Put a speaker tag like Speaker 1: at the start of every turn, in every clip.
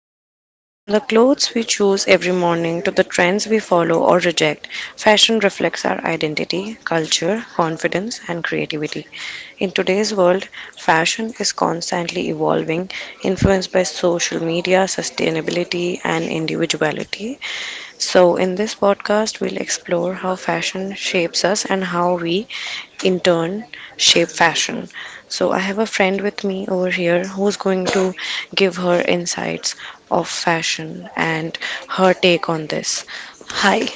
Speaker 1: word. From the clothes we choose every morning to the trends we follow or reject, fashion reflects our identity, culture, confidence, and creativity. In today's world, fashion is constantly evolving, influenced by social media, sustainability, and individuality. So, in this podcast, we'll explore how fashion shapes us and how we, in turn, shape fashion. So I have a friend with me over here who's going to give her insights of fashion and her take on this. Hi.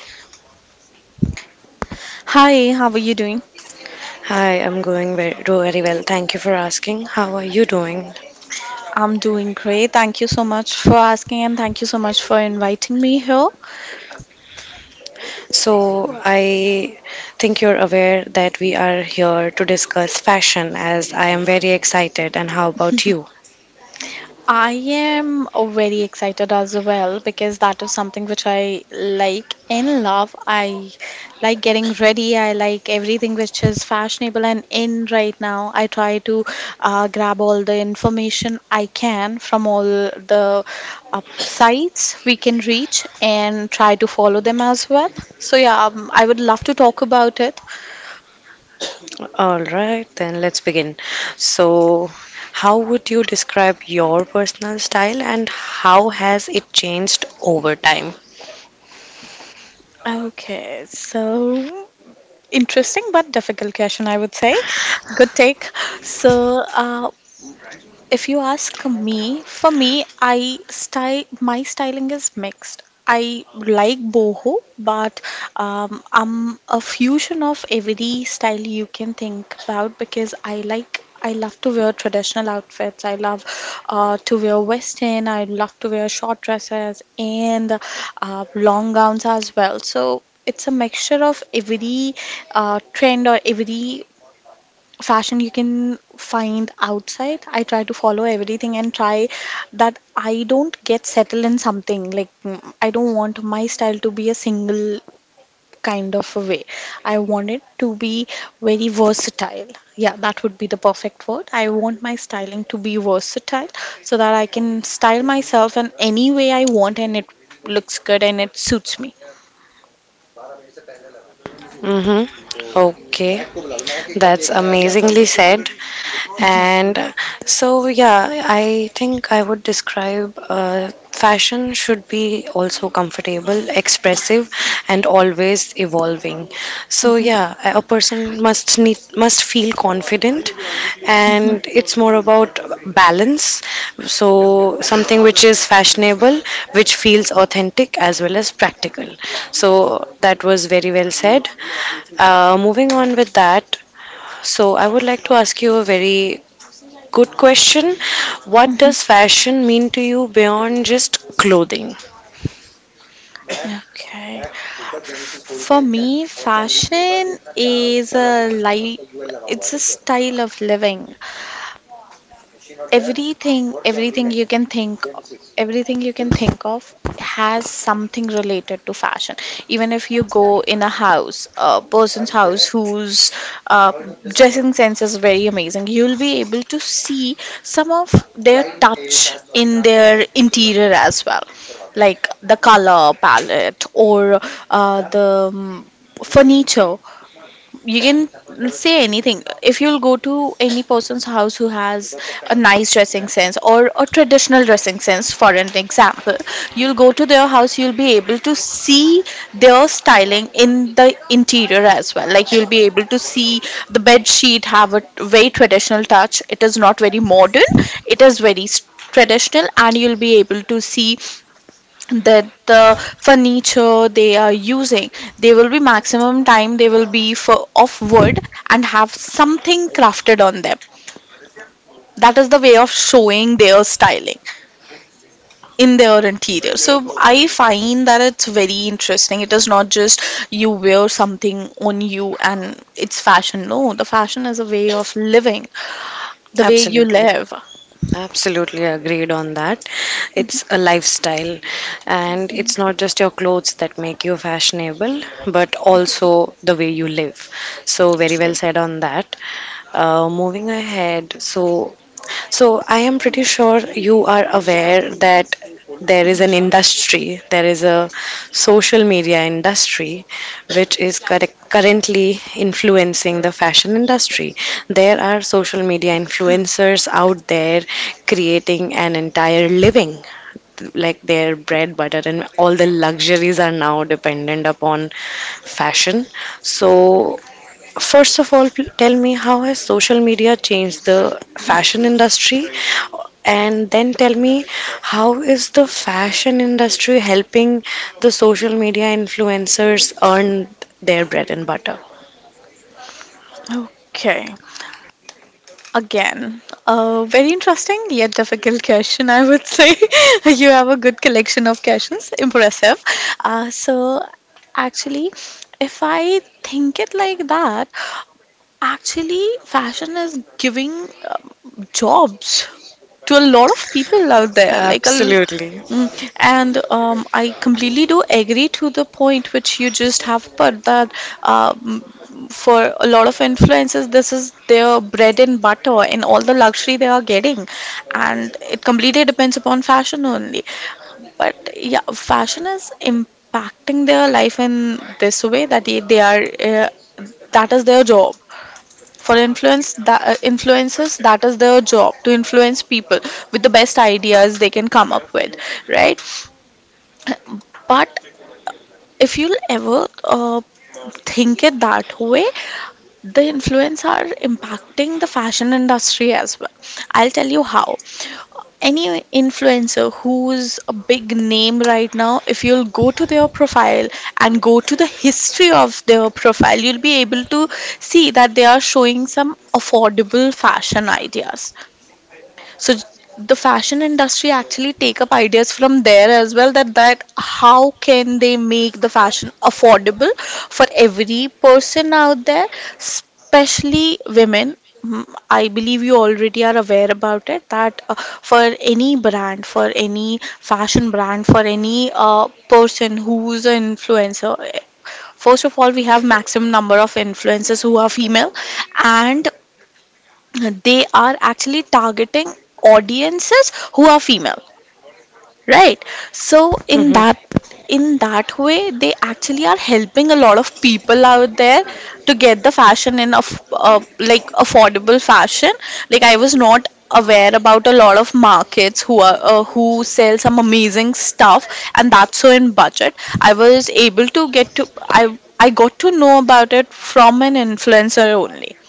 Speaker 2: Hi, how are you doing?
Speaker 1: Hi, I'm going very, very well. Thank you for asking. How are you doing?
Speaker 2: I'm doing great. Thank you so much for asking and thank you so much for inviting me here.
Speaker 1: So, I think you're aware that we are here to discuss fashion as I am very excited. And how about you?
Speaker 2: I am very excited as well because that is something which I like and love. I like getting ready. I like everything which is fashionable and in right now. I try to grab all the information I can from all the sites we can reach and try to follow them as well. So, yeah, I would love to talk about it.
Speaker 1: All right, then let's begin. So, how would you describe your personal style and how has it changed over time?
Speaker 2: Okay, so interesting but difficult question, I would say. Good take. So, if you ask me, for me, I style my styling is mixed. I like boho, but I'm a fusion of every style you can think about because I love to wear traditional outfits. I love to wear western. I love to wear short dresses and long gowns as well. So it's a mixture of every trend or every fashion you can find outside. I try to follow everything and try that I don't get settled in something. Like, I don't want my style to be a single kind of a way. I want it to be very versatile. Yeah, that would be the perfect word. I want my styling to be versatile so that I can style myself in any way I want and it looks good and it suits me.
Speaker 1: Mm-hmm. Okay, that's amazingly said.
Speaker 2: hmm
Speaker 1: And so, yeah, I think I would describe fashion should be also comfortable, expressive, and always evolving. So,
Speaker 2: hmm
Speaker 1: yeah, a person must feel confident, and it's more about balance. So, something which is fashionable, which feels authentic as well as practical. So, that was very well said. Moving on with that. So, I would like to ask you a very good question. What
Speaker 2: hmm
Speaker 1: does fashion mean to you beyond just clothing?
Speaker 2: Okay. For me, fashion is a life. It's a style of living. Everything you can think— everything you can think of has something related to fashion. Even if you go in a house, a person's house whose uh, dressing sense is very amazing, you'll be able to see some of their touch in their interior as well, like the color palette or the furniture. You can say anything. If you'll go to any person's house who has a nice dressing sense or a traditional dressing sense, for an example, you'll go to their house, you'll be able to see their styling in the interior as well. Like, you'll be able to see the bed sheet have a very traditional touch. It is not very modern, it is very traditional. And you'll be able to see that the furniture they are using, they will be maximum time they will be for of wood and have something crafted on them. That is the way of showing their styling in their interior. So I find that it's very interesting. It is not just you wear something on you and it's fashion. No, the fashion is a way of living, the way you
Speaker 1: Absolutely.
Speaker 2: live.
Speaker 1: Absolutely agreed on that. It's a lifestyle, and it's not just your clothes that make you fashionable, but also the way you live. So, very well
Speaker 2: Actually
Speaker 1: said on that. Moving ahead, so I am pretty sure you are aware that there is an industry, there is a social media industry which is correct, currently influencing the fashion industry. There are social media influencers out there creating an entire living, like their bread, butter, and all the luxuries are now dependent upon fashion. So, first of all, tell me how has social media changed the fashion industry? And then tell me how is the fashion industry helping the social media influencers earn their bread and butter?
Speaker 2: Okay. Again, a very interesting yet difficult question, I would say. You have a good collection of questions. Impressive. So, actually, if I think it like that, actually, fashion is giving jobs to a lot of people out there. Like a, l-
Speaker 1: Absolutely.
Speaker 2: mm, and I completely do agree to the point which you just have put, that um, for a lot of influencers, this is their bread and butter and all the luxury they are getting, and it completely depends upon fashion only. But yeah, fashion is impacting their life in this way, that they are that is their job for influence, that influences, that is their job to influence people with the best ideas they can come up with, right? But if you'll ever think it that way, the influence are impacting the fashion industry as well. I'll tell you how. Any influencer who's a big name right now, if you'll go to their profile and go to the history of their profile, you'll be able to see that they are showing some affordable fashion ideas. so j- the fashion industry actually take up ideas from there as well, that how can they make the fashion affordable for every person out there, especially women. Mm, I believe you already are aware about it, that for any brand, for any fashion brand, for any person who's an influencer, first of all, we have maximum number of influencers who are female, and they are actually targeting audiences who are female, right? So in that— in that way, they actually are helping a lot of people out there to get the fashion in a like affordable fashion. Like, I was not aware about a lot of markets who are who sell some amazing stuff and that's so in budget. I was able to get to I got to know about it from an influencer only.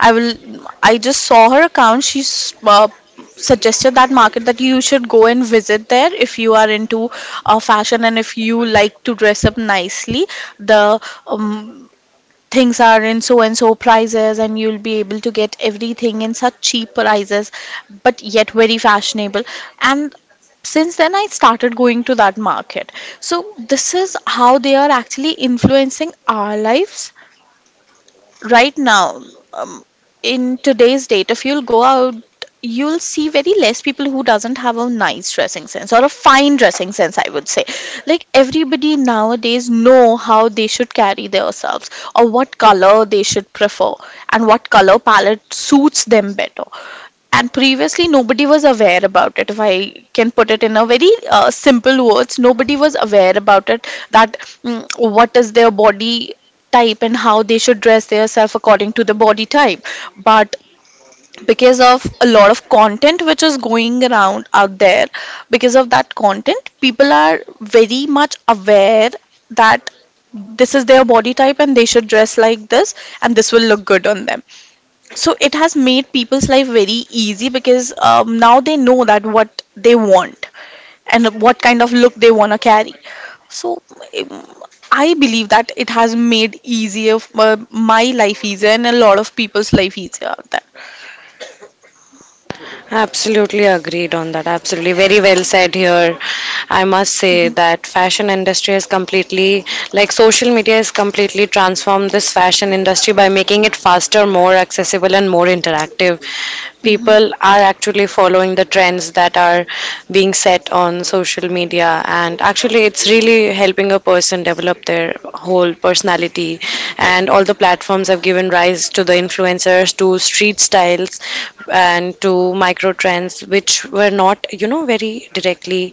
Speaker 2: I will. I just saw her account. She suggested that market, that you should go and visit there if you are into fashion and if you like to dress up nicely. The um, things are in so and so prices, and you'll be able to get everything in such cheap prices, but yet very fashionable. And since then I started going to that market. So this is how they are actually influencing our lives right now. um, in today's date, if you'll go out, you'll see very less people who doesn't have a nice dressing sense or a fine dressing sense, I would say. Like, everybody nowadays know how they should carry themselves or what color they should prefer and what color palette suits them better. And previously nobody was aware about it. If I can put it in a very simple words, nobody was aware about it, that what is their body type and how they should dress themselves according to the body type. But because of a lot of content which is going around out there, because of that content, people are very much aware that this is their body type and they should dress like this and this will look good on them. So it has made people's life very easy, because now they know that what they want and what kind of look they want to carry. So um, I believe that it has made easier my life easier and a lot of people's life easier out there.
Speaker 1: Absolutely agreed on that. Absolutely. Very well said here. I must say that fashion industry is completely, like, social media has completely transformed this fashion industry by making it faster, more accessible and more interactive.
Speaker 2: Mm-hmm.
Speaker 1: People are actually following the trends that are being set on social media and actually it's really helping a person develop their whole personality and all the platforms have given rise to the influencers, to street styles, and to micro trends which were not, you know, very directly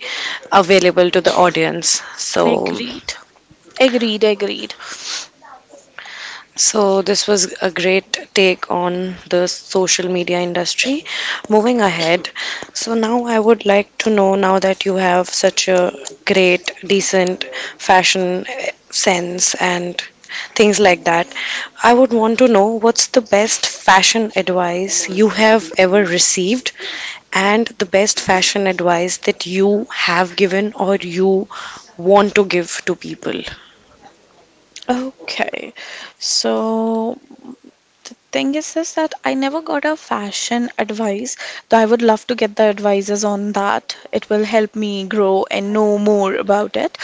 Speaker 1: available to the audience. So
Speaker 2: Agreed. Agreed, agreed.
Speaker 1: so, this was a great take on the social media industry. Moving ahead, so now I would like to know, now that you have such a great, decent fashion sense and things like that, I would want to know what's the best fashion advice you have ever received and the best fashion advice that you have given or you want to give to people.
Speaker 2: Okay. So the thing is this, that I never got a fashion advice, though I would love to get the advices on that. It will help me grow and know more about it.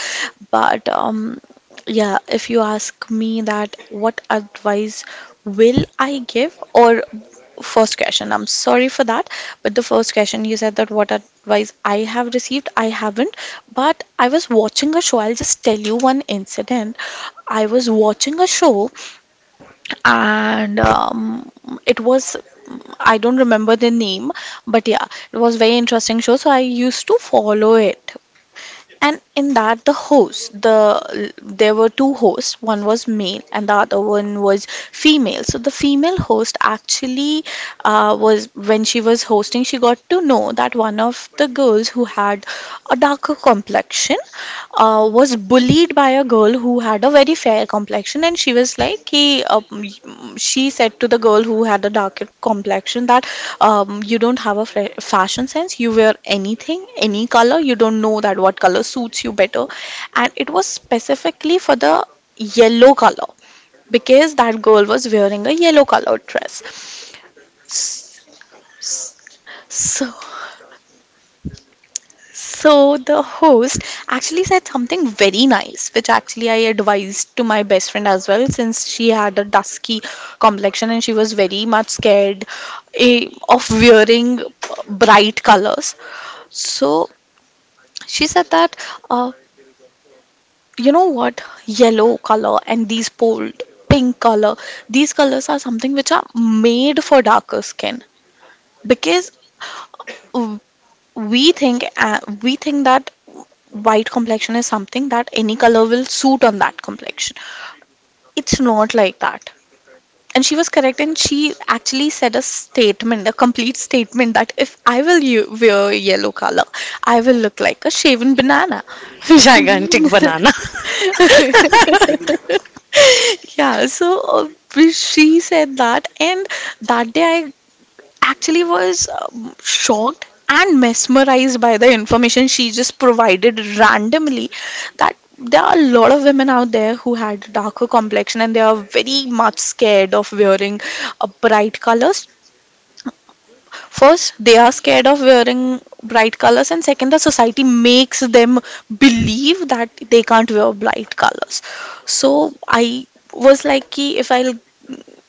Speaker 2: But yeah, if you ask me that what advice will I give, or first question, I'm sorry for that, but the first question you said, that what advice I have received, I haven't. But I was watching a show. I'll just tell you one incident. I was watching a show and it was I don't remember the name, but yeah, it was very interesting show. So I used to follow it, and in that the host, there were two hosts. One was male, and the other one was female. So the female host actually was when she was hosting, she got to know that one of the girls who had a darker complexion was bullied by a girl who had a very fair complexion. And she was like he um, she said to the girl who had a darker complexion that you don't have a fashion sense, you wear anything, any color, you don't know that what color suits you better. And it was specifically for the yellow color, because that girl was wearing a yellow colored dress. S- s- so so the host actually said something very nice, which actually I advised to my best friend as well, since she had a dusky complexion and she was very much scared of wearing bright colors. So she said that, uh, you know what, yellow color and these bold pink color, these colors are something which are made for darker skin, because we think that white complexion is something that any color will suit on that complexion. It's not like that. And she was correct, and she actually said a statement, a complete statement, that if I will wear yellow color, I will look like a shaven banana.
Speaker 1: Gigantic banana.
Speaker 2: Yeah, so she said that. And that day I actually was shocked and mesmerized by the information she just provided randomly, that there are a lot of women out there who had darker complexion and they are very much scared of wearing bright colors. First, they are scared of wearing bright colors, and second, the society makes them believe that they can't wear bright colors. So I was like, "Ki, if I'll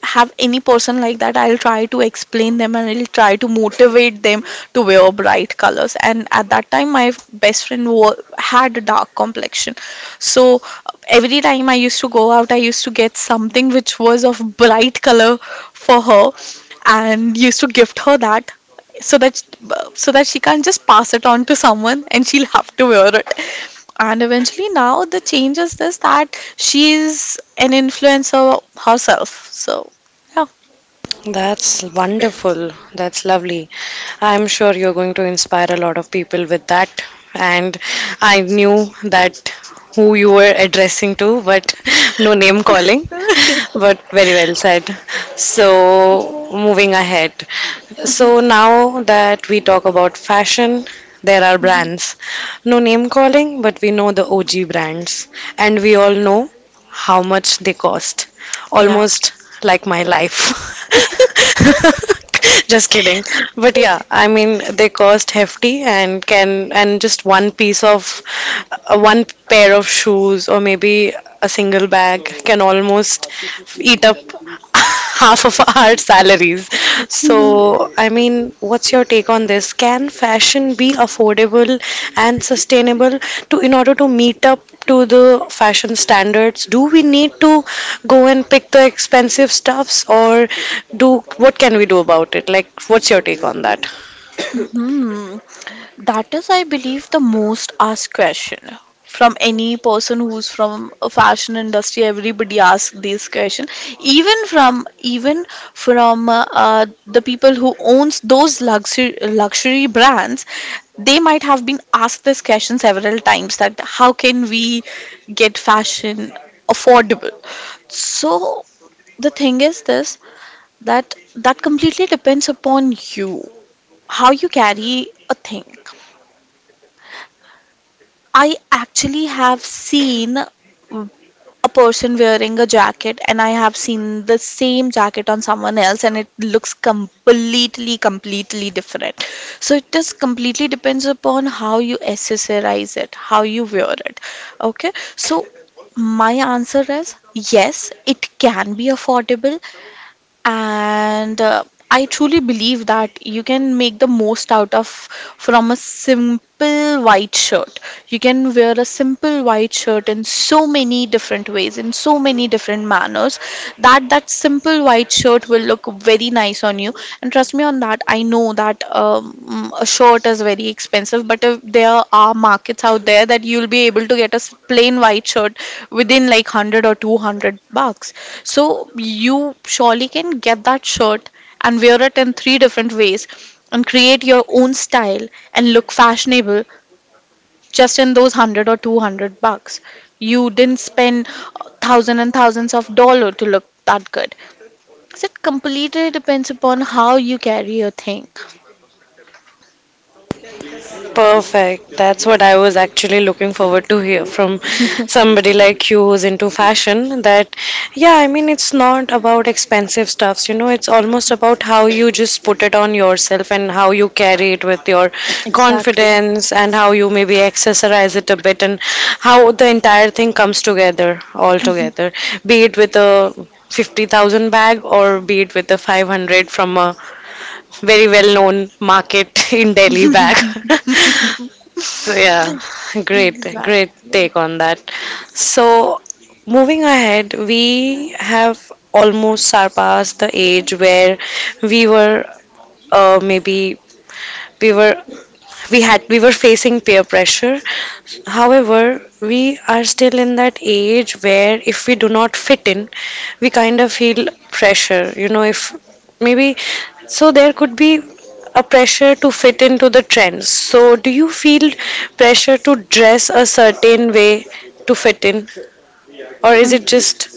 Speaker 2: have any person like that, I'll try to explain them and I'll try to motivate them to wear bright colors." And at that time, my best friend had a dark complexion. So every time I used to go out, I used to get something which was of bright color for her and used to gift her that so that so that she can't just pass it on to someone and she'll have to wear it, and eventually now the change is this, that she's an influencer herself, so
Speaker 1: That's wonderful. That's lovely. I'm sure you're going to inspire a lot of people with that.
Speaker 2: yeah.
Speaker 1: And I knew that who you were addressing to, but no name calling. But very well said. So, moving ahead. So, now that we talk about fashion, there are brands. No name calling, but we know the OG brands. And we all know how much they cost.
Speaker 2: Yeah.
Speaker 1: Almost like my life. Just kidding. But yeah, I mean they cost hefty and can, and just one piece of one pair of shoes or maybe a single bag can almost eat up half of our salaries. So, I mean, what's your take on this? Can fashion be affordable and sustainable? To in order to meet up to the fashion standards, do we need to go and pick the expensive stuffs, or do, what can we do about it? Like, what's your take on that?
Speaker 2: Hmm. That is, I believe, the most asked question from any person who's from a fashion industry. Everybody asks this question, even from the people who owns those luxury brands. They might have been asked this question several times, that how can we get fashion affordable? So the thing is this, that completely depends upon you, how you carry a thing. I actually have seen a person wearing a jacket, and I have seen the same jacket on someone else, and it looks completely different. So it just completely depends upon how you accessorize it, how you wear it. Okay, so my answer is yes, it can be affordable, and I truly believe that you can make the most out of from a simple white shirt. You can wear a simple white shirt in so many different ways, in so many different manners, that simple white shirt will look very nice on you. And trust me on that, I know that a shirt is very expensive, but there are markets out there that you'll be able to get a plain white shirt within like 100 or $200. So you surely can get that shirt and wear it in three different ways and create your own style and look fashionable just in those 100 or $200. You didn't spend thousands and thousands of dollars to look that good. So it completely depends upon how you carry your thing.
Speaker 1: Perfect. That's what I was actually looking forward to hear from somebody like you who's into fashion. That, yeah, I mean, it's not about expensive stuffs, you know, it's almost about how you just put it on yourself and how you carry it with your
Speaker 2: Exactly.
Speaker 1: confidence and how you maybe accessorize it a bit and how the entire thing comes together all together, be it with a 50,000 bag or be it with a 500 from a very well known market in Delhi bag. So yeah, great, great
Speaker 2: Exactly.
Speaker 1: take on that. So moving ahead, we have almost surpassed the age where we were maybe we were we had we were facing peer pressure. However, we are still in that age where if we do not fit in, we kind of feel pressure, you know, if maybe so there could be a pressure to fit into the trends. So do you feel pressure to dress a certain way to fit in or is it
Speaker 2: Mhm.
Speaker 1: just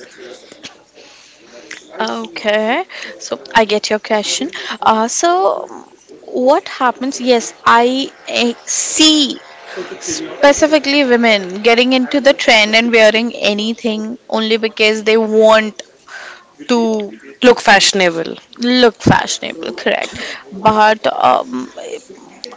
Speaker 2: Okay, so I get your question. So what happens? Yes, I see specifically women getting into the trend and wearing anything only because they want to
Speaker 1: look fashionable?
Speaker 2: look fashionable, correct? But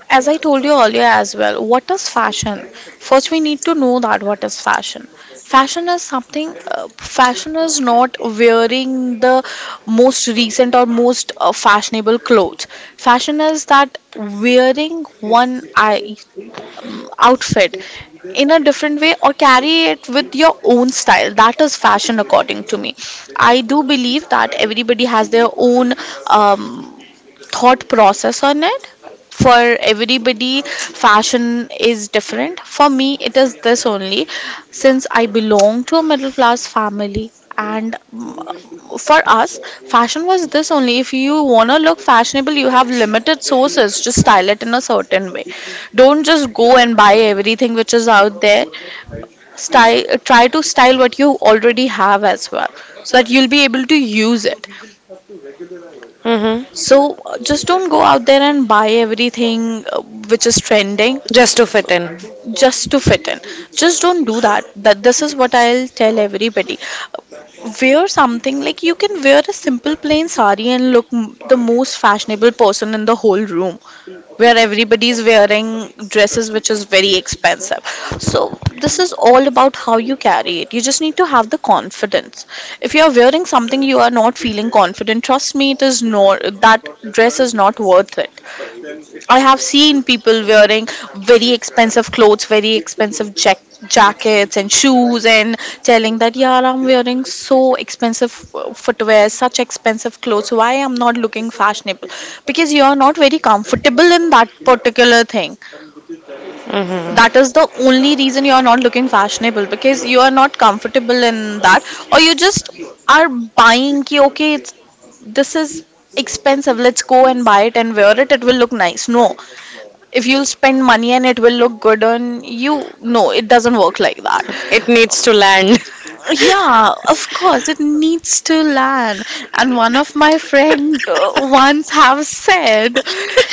Speaker 2: as I told you earlier as well, what is fashion? First, we need to know that what is fashion. Fashion is something, fashion is not wearing the most recent or most fashionable clothes. Fashion is that wearing one outfit in a different way or carry it with your own style. That is fashion, according to me. I do believe that everybody has their own Um, thought process on it. For everybody, fashion is different. For me, it is this only, since I belong to a middle class family, and for us, fashion was this only. If you want to look fashionable, you have limited sources, just style it in a certain way. Don't just go and buy everything which is out there. Style, try to style what you already have as well, so that you'll be able to use it.
Speaker 1: Mm-hmm.
Speaker 2: So just don't go out there and buy everything which is trending
Speaker 1: Just to fit in.
Speaker 2: just to fit in. Just don't do that. That this is what I'll tell everybody. Uh, Wear something, like you can wear a simple plain sari and look the most fashionable person in the whole room where everybody is wearing dresses which is very expensive. So this is all about how you carry it. You just need to have the confidence. If you are wearing something you are not feeling confident, trust me, it is no, that dress is not worth it. I have seen people wearing very expensive clothes, very expensive jackets and shoes, and telling that, yeah, I'm wearing so expensive footwear, such expensive clothes. Why I'm not looking fashionable? Because you are not very comfortable in that particular thing. That
Speaker 1: Mm-hmm.
Speaker 2: is the only reason you are not looking fashionable, because you are not comfortable in that, or you just are buying. Ki, okay, it's this is expensive, let's go and buy it and wear it, it will look nice. No, if you'll spend money and it will look good on you, no, it doesn't work like that.
Speaker 1: It needs to land.
Speaker 2: Yeah, of course it needs to land. And one of my friend once have said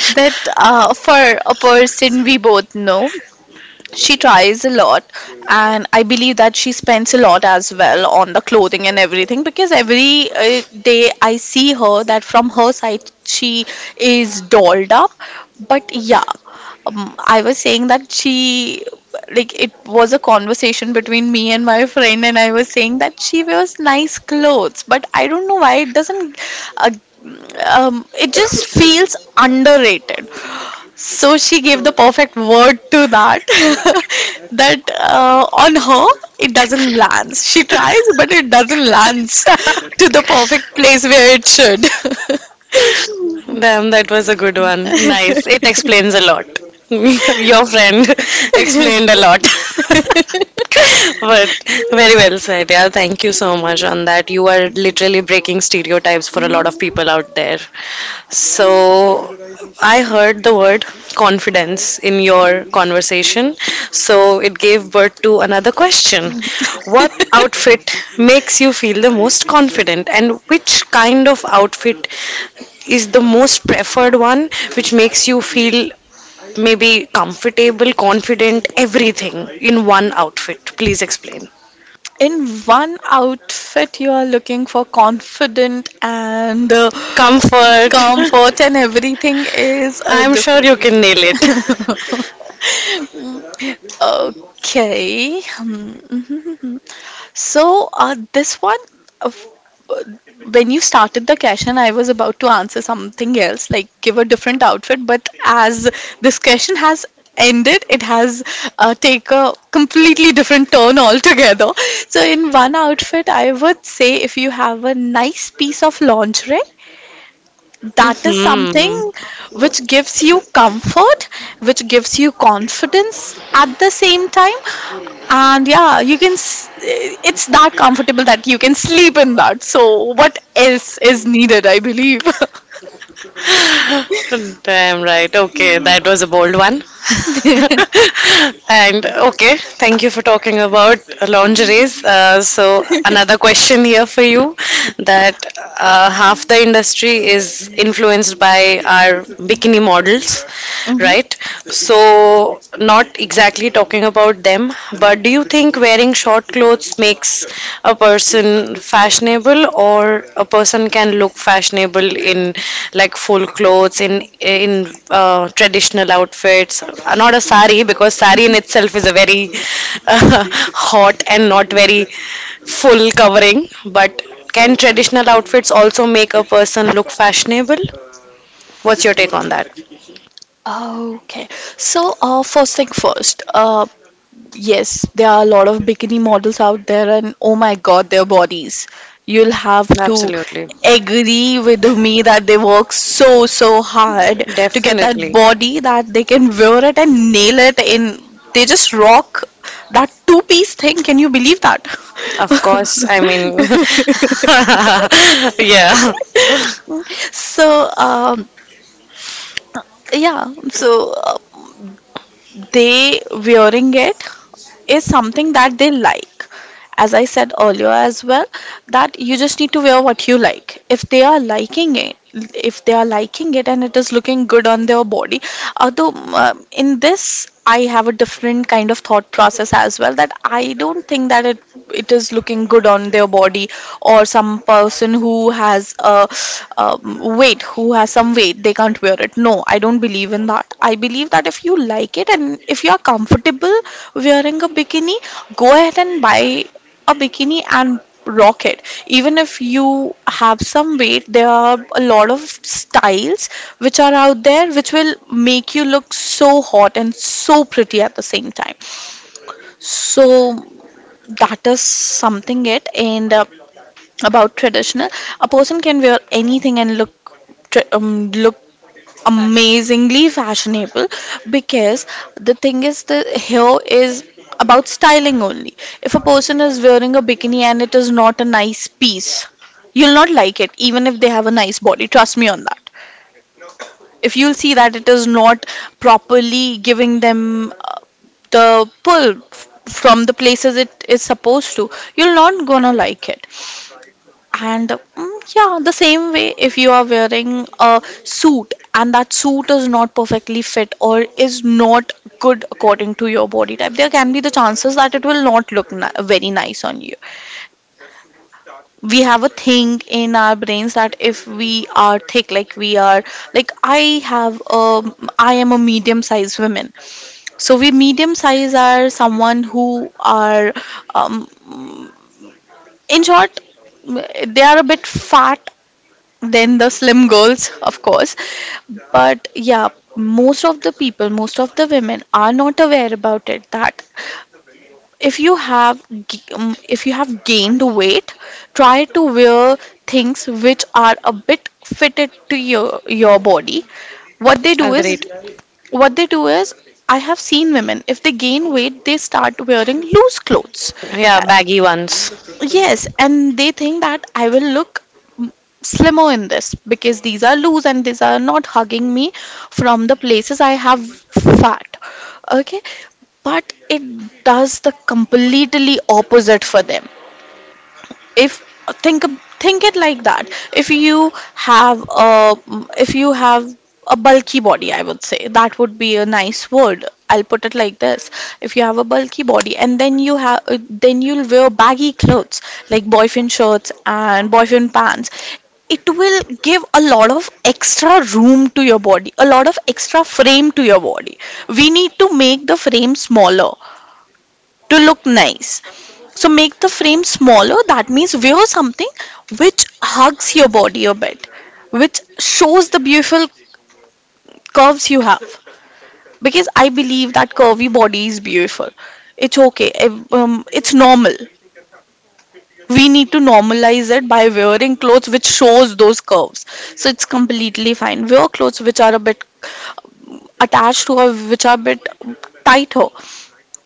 Speaker 2: that for a person we both know, she tries a lot, and I believe that she spends a lot as well on the clothing and everything, because every day I see her that from her side she is dolled up. But yeah, I was saying that she, like it was a conversation between me and my friend, and I was saying that she wears nice clothes but I don't know why it doesn't uh, it just feels underrated. So she gave the perfect word to that. That on her, it doesn't land. She tries, but it doesn't land to the perfect place where it should.
Speaker 1: Damn, that was a good one. Nice. It explains a lot. Your friend explained a lot. But very well said. Yeah, thank you so much on that. You are literally breaking stereotypes for a lot of people out there. So, I heard the word confidence in your conversation. So, it gave birth to another question. What outfit makes you feel the most confident, and which kind of outfit is the most preferred one which makes you feel maybe comfortable, confident, everything in one outfit? Please explain.
Speaker 2: In one outfit, you are looking for confident and
Speaker 1: Comfort.
Speaker 2: comfort, and everything is
Speaker 1: I'm sure you
Speaker 2: difficult.
Speaker 1: can nail it.
Speaker 2: Okay. Hmm. So, this one, uh, f- uh, when you started the question, I was about to answer something else, like give a different outfit. But as this question has ended, it has take a completely different turn altogether. So, in one outfit, I would say if you have a nice piece of lingerie, that is something
Speaker 1: Hmm.
Speaker 2: which gives you comfort, which gives you confidence at the same time. And yeah, you can, it's that comfortable that you can sleep in that. So, what else is needed, I believe.
Speaker 1: Damn right. Okay, that was a bold one. And okay, thank you for talking about lingeries. So another question here for you, that half the industry is influenced by our bikini models,
Speaker 2: Mhm.
Speaker 1: right? So, not exactly talking about them, but do you think wearing short clothes makes a person fashionable, or a person can look fashionable in like full clothes, in traditional outfits? Not a sari, because sari in itself is a very uh, hot and not very full covering. But can traditional outfits also make a person look fashionable? What's your take on that?
Speaker 2: Okay, so first thing first, yes, there are a lot of bikini models out there, and oh my god, their bodies. You'll have to
Speaker 1: Absolutely.
Speaker 2: agree with me that they work so, so hard to get that
Speaker 1: Definitely.
Speaker 2: body, that they can wear it and nail it in. They just rock that two-piece thing. Can you believe that?
Speaker 1: Of course, I mean, yeah,
Speaker 2: So, yeah, so they wearing it is something that they like, as I said earlier as well, that you just need to wear what you like. If they are liking it, if they are liking it and it is looking good on their body, although in this I have a different kind of thought process as well, that I don't think that it is looking good on their body, or some person who has a weight who has some weight, they can't wear it. No, I don't believe in that. I believe that if you like it and if you are comfortable wearing a bikini, go ahead and buy a bikini and rock it. Even if you have some weight, there are a lot of styles which are out there which will make you look so hot and so pretty at the same time. So that is something it, and about traditional, a person can wear anything and look look amazingly fashionable, because the thing is the here is about styling only. If a person is wearing a bikini and it is not a nice piece, you'll not like it, even if they have a nice body, trust me on that. If you'll see that it is not properly giving them the pull from the places it is supposed to, you're not gonna like it. And yeah, the same way, if you are wearing a suit and that suit is not perfectly fit or is not good according to your body type, there can be the chances that it will not look very nice on you. We have a thing in our brains that if we are thick, like we are, like I have, I am a medium sized woman. So we medium size are someone who are, um, in short, they are a bit fat then the slim girls, of course. But yeah, most of the people, most of the women are not aware about it, that if you have if you have gained weight, try to wear things which are a bit fitted to your body. What they do is,
Speaker 1: agreed.
Speaker 2: what they do is, I have seen women, if they gain weight they start wearing loose clothes.
Speaker 1: Yeah, baggy ones.
Speaker 2: Yes, and they think that I will look m- slimmer in this, because these are loose and these are not hugging me from the places I have fat. Okay, but it does the completely opposite for them. If think think it like that, if you have a if you have a bulky body, I would say that would be a nice word, I'll put it like this. If you have a bulky body and then you have, then you'll wear baggy clothes, like boyfriend shirts and boyfriend pants, it will give a lot of extra room to your body, a lot of extra frame to your body. We need to make the frame smaller to look nice. So make the frame smaller. That means wear something which hugs your body a bit, which shows the beautiful curves you have. Because I believe that curvy body is beautiful. It's okay. It's normal. We need to normalize it by wearing clothes which shows those curves. So it's completely fine. Wear clothes which are a bit attached to or which are a bit tighter,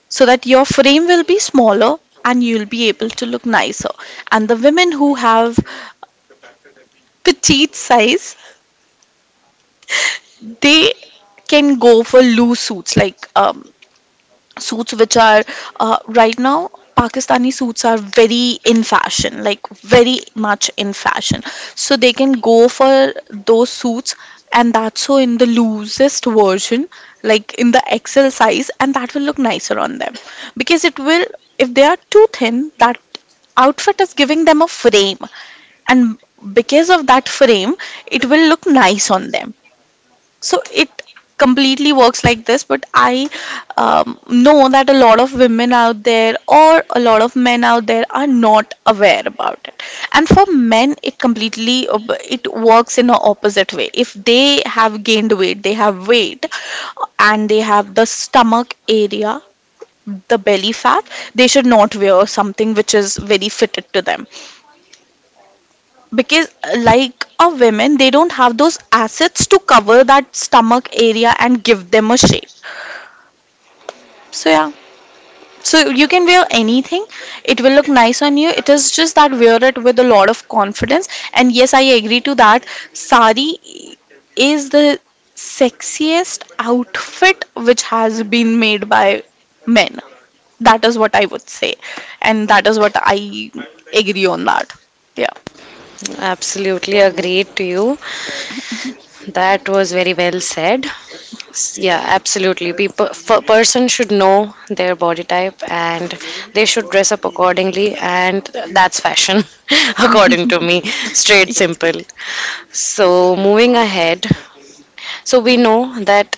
Speaker 2: so that your frame will be smaller and you'll be able to look nicer. And the women who have petite size, they can go for loose suits, like suits which are right now, pakistani suits are very in fashion, like very much in fashion. So they can go for those suits, and that's so in the loosest version, like in the XL size, and that will look nicer on them, because it will, if they are too thin, that outfit is giving them a frame, and because of that frame it will look nice on them. So it completely works like this, but I know that a lot of women out there or a lot of men out there are not aware about it. And for men, it completely it works in a opposite way. If they have gained weight, they have weight, and they have the stomach area, the belly fat, they should not wear something which is very fitted to them, because like a women, they don't have those assets to cover that stomach area and give them a shape. So yeah, so you can wear anything, it will look nice on you, it is just that wear it with a lot of confidence. And yes, I agree to that, sari is the sexiest outfit which has been made by men, that is what I would say, and that is what I agree on that. Yeah.
Speaker 1: Absolutely agreed to you. That was very well said. Yeah, absolutely. Person should know their body type and they should dress up accordingly, and that's fashion, according to me. Straight,
Speaker 2: It's great.
Speaker 1: simple. So, moving ahead, so we know that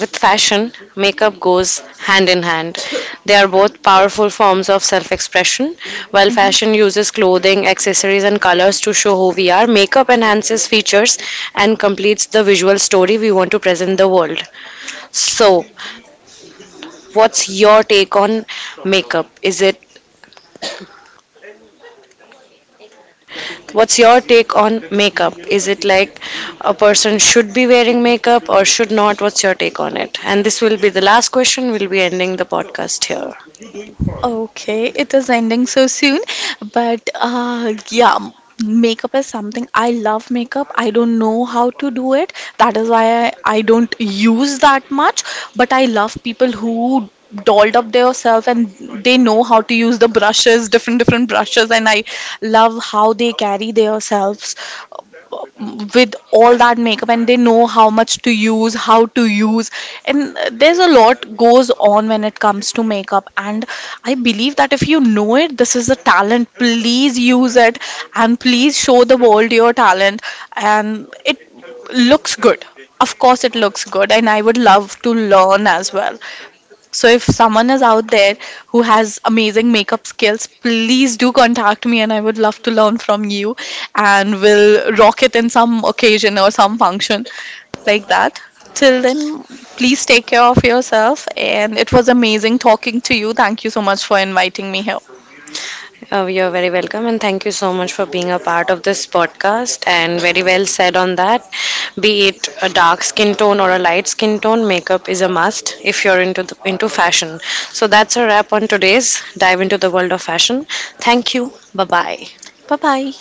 Speaker 1: with fashion, makeup goes hand in hand. They are both powerful forms of self expression. While
Speaker 2: Mhm.
Speaker 1: fashion uses clothing, accessories, and colors to show who we are, makeup enhances features and completes the visual story we want to present the world. So, what's your take on makeup? Is it What's your take on makeup? Is it like a person should be wearing makeup or should not? What's your take on it? And this will be the last question. We'll be ending the podcast here.
Speaker 2: Okay, it is ending so soon, but yeah, makeup is something, I love makeup. I don't know how to do it. That is why I don't use that much, but I love people who dolled up their self and they know how to use the brushes, different different brushes, and I love how they carry themselves with all that makeup, and they know how much to use, how to use. And there's a lot goes on when it comes to makeup, and I believe that if you know it, this is a talent, please use it, and please show the world your talent. And it looks good, of course it looks good, and I would love to learn as well. So if someone is out there who has amazing makeup skills, please do contact me, and I would love to learn from you, and we'll rock it in some occasion or some function like that. Till then, please take care of yourself, and it was amazing talking to you. Thank you so much for inviting me here.
Speaker 1: Oh, you're very welcome, and thank you so much for being a part of this podcast. And very well said on that. Be it a dark skin tone or a light skin tone, makeup is a must if you're into into fashion. So that's a wrap on today's dive into the world of fashion. Thank you. Bye bye.
Speaker 2: Bye bye.